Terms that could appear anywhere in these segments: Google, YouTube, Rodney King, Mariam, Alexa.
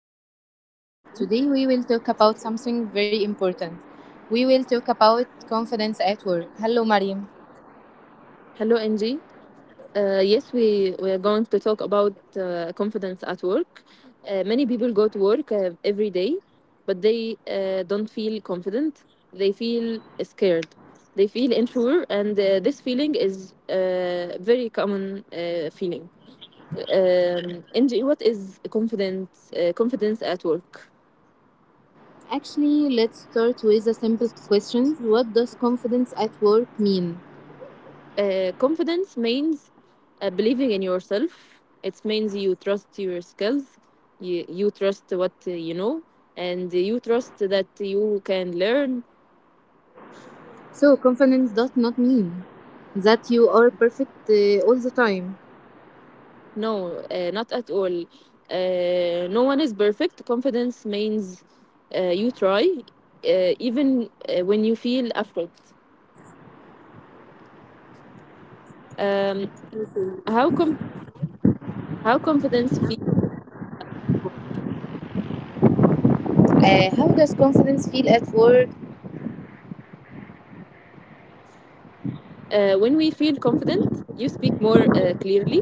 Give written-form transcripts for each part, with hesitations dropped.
Welcome to our podcast. Today, we will talk about something very important. We will talk about confidence at work. Hello, Mariam. Hello, Angie. Yes, we are going to talk about confidence at work. Many people go to work every day, but they don't feel confident. They feel scared. They feel unsure, and this feeling is a very common feeling. Angie, what is confidence? Confidence at work? Actually, let's start with a simple question. What does confidence at work mean? Confidence means believing in yourself. It means you trust your skills, you trust what you know, and you trust that you can learn. So, confidence does not mean that you are perfect all the time. No, not at all. No one is perfect. Confidence means you try, even when you feel afraid. Um, how com- how confidence feels. How does confidence feel at work? When we feel confident, you speak more clearly,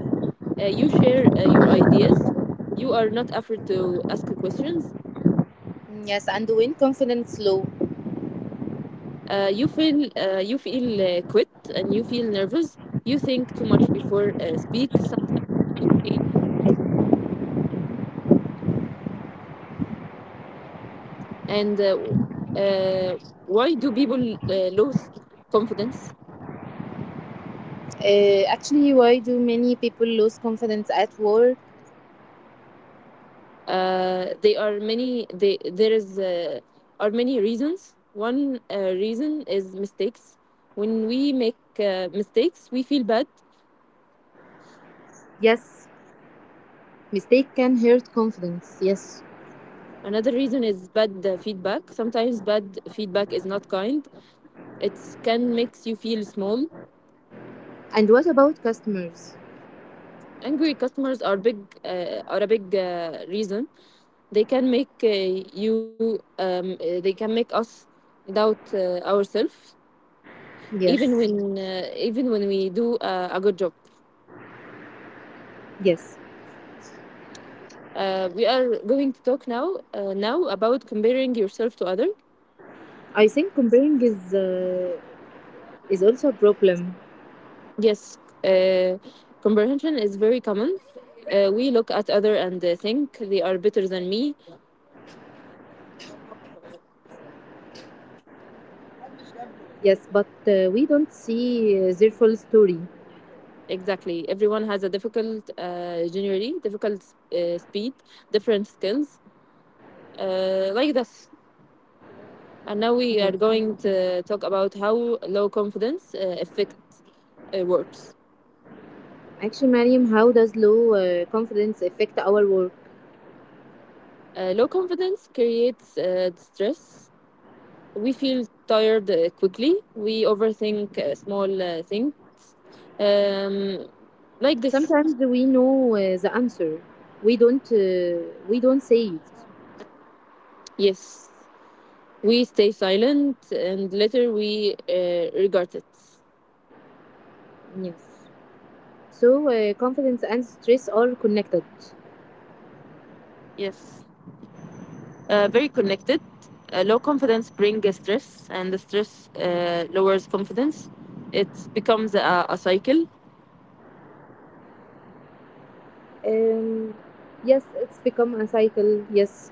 you share your ideas, you are not afraid to ask questions, Yes, and when confidence low? You feel quit and you feel nervous, you think too much before speak, sometimes you say, and uh, why do people lose confidence? Actually, why do many people lose confidence at work? They are many they, there is are many reasons. One reason is mistakes. When we make mistakes we feel bad. Yes, mistake can hurt confidence. Yes. Another reason is bad feedback. Sometimes bad feedback is not kind. It can makes you feel small. And what about customers? Angry customers are big are a big reason. They can make you they can make us doubt ourselves, Yes. Even when we do a good job. Yes. We are going to talk now about comparing yourself to other. I think comparing is also a problem. Yes, uh, comprehension is very common. We look at other and think they are better than me. Yes, but we don't see their full story. Exactly. Everyone has a difficult, generally difficult speed, different skills, like this. And now we are going to talk about how low confidence affects works. Actually, Mariam, how does low confidence affect our work? Low confidence creates stress. We feel tired quickly. We overthink a small thing. Um, like this. Sometimes we know the answer. We don't. We don't say it. Yes. We stay silent and later we regret it. Yes. So confidence and stress are connected. Yes. Very connected. Low confidence brings stress, and the stress lowers confidence. It becomes a cycle, Um, yes, it's become a cycle. Yes,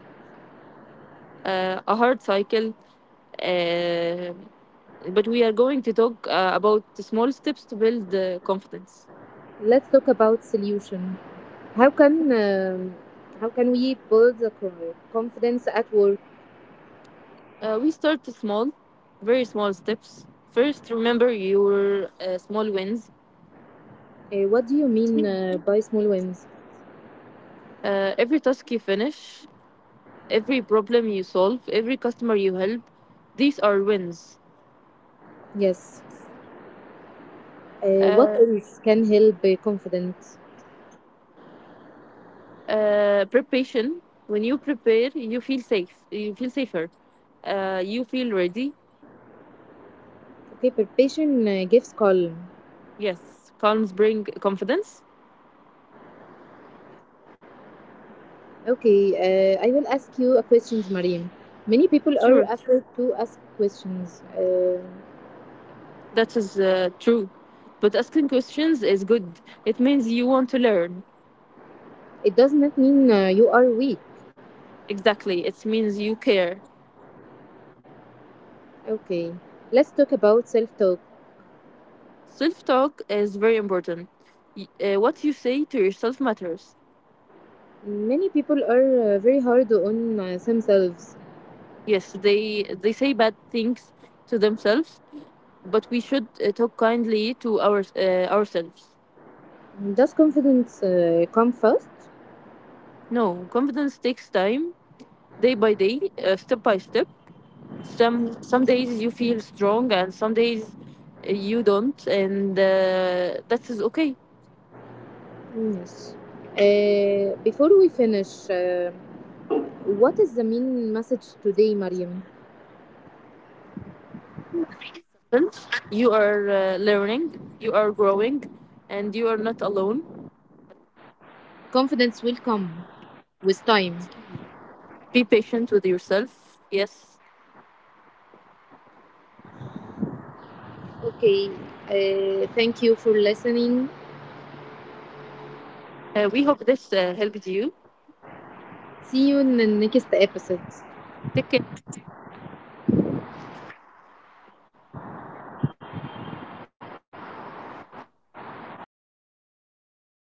a hard cycle. Uh, but we are going to talk about the small steps to build confidence. let's talk about solution. How can um, how can we build a confidence at work? We start small, very small steps. First, remember your small wins. What do you mean by small wins? Every task you finish, every problem you solve, every customer you help, these are wins. Yes. What Uh, else can help confidence? Preparation. When you prepare, you feel safe. You feel safer. You feel ready. Okay, preparation gives calm. Yes, calms bring confidence. Okay, I will ask you a question, Mariam. Many people are Sure, afraid to ask questions. That is true. But asking questions is good. It means you want to learn. It does not mean you are weak. Exactly. It means you care. Okay, let's talk about self-talk. Self talk is very important. What you say to yourself matters. Many people are very hard on themselves. Yes, they say bad things to themselves, but we should talk kindly to ourselves. Does confidence come first? No, confidence takes time, day by day, step by step. Some days you feel strong, and some days you don't, and that is okay. Yes. Before we finish, what is the main message today, Mariam? You are learning, you are growing, and you are not alone. Confidence will come with time. Be patient with yourself. Yes. Okay. Thank you for listening. We hope this helped you. See you in the next episode. Take care.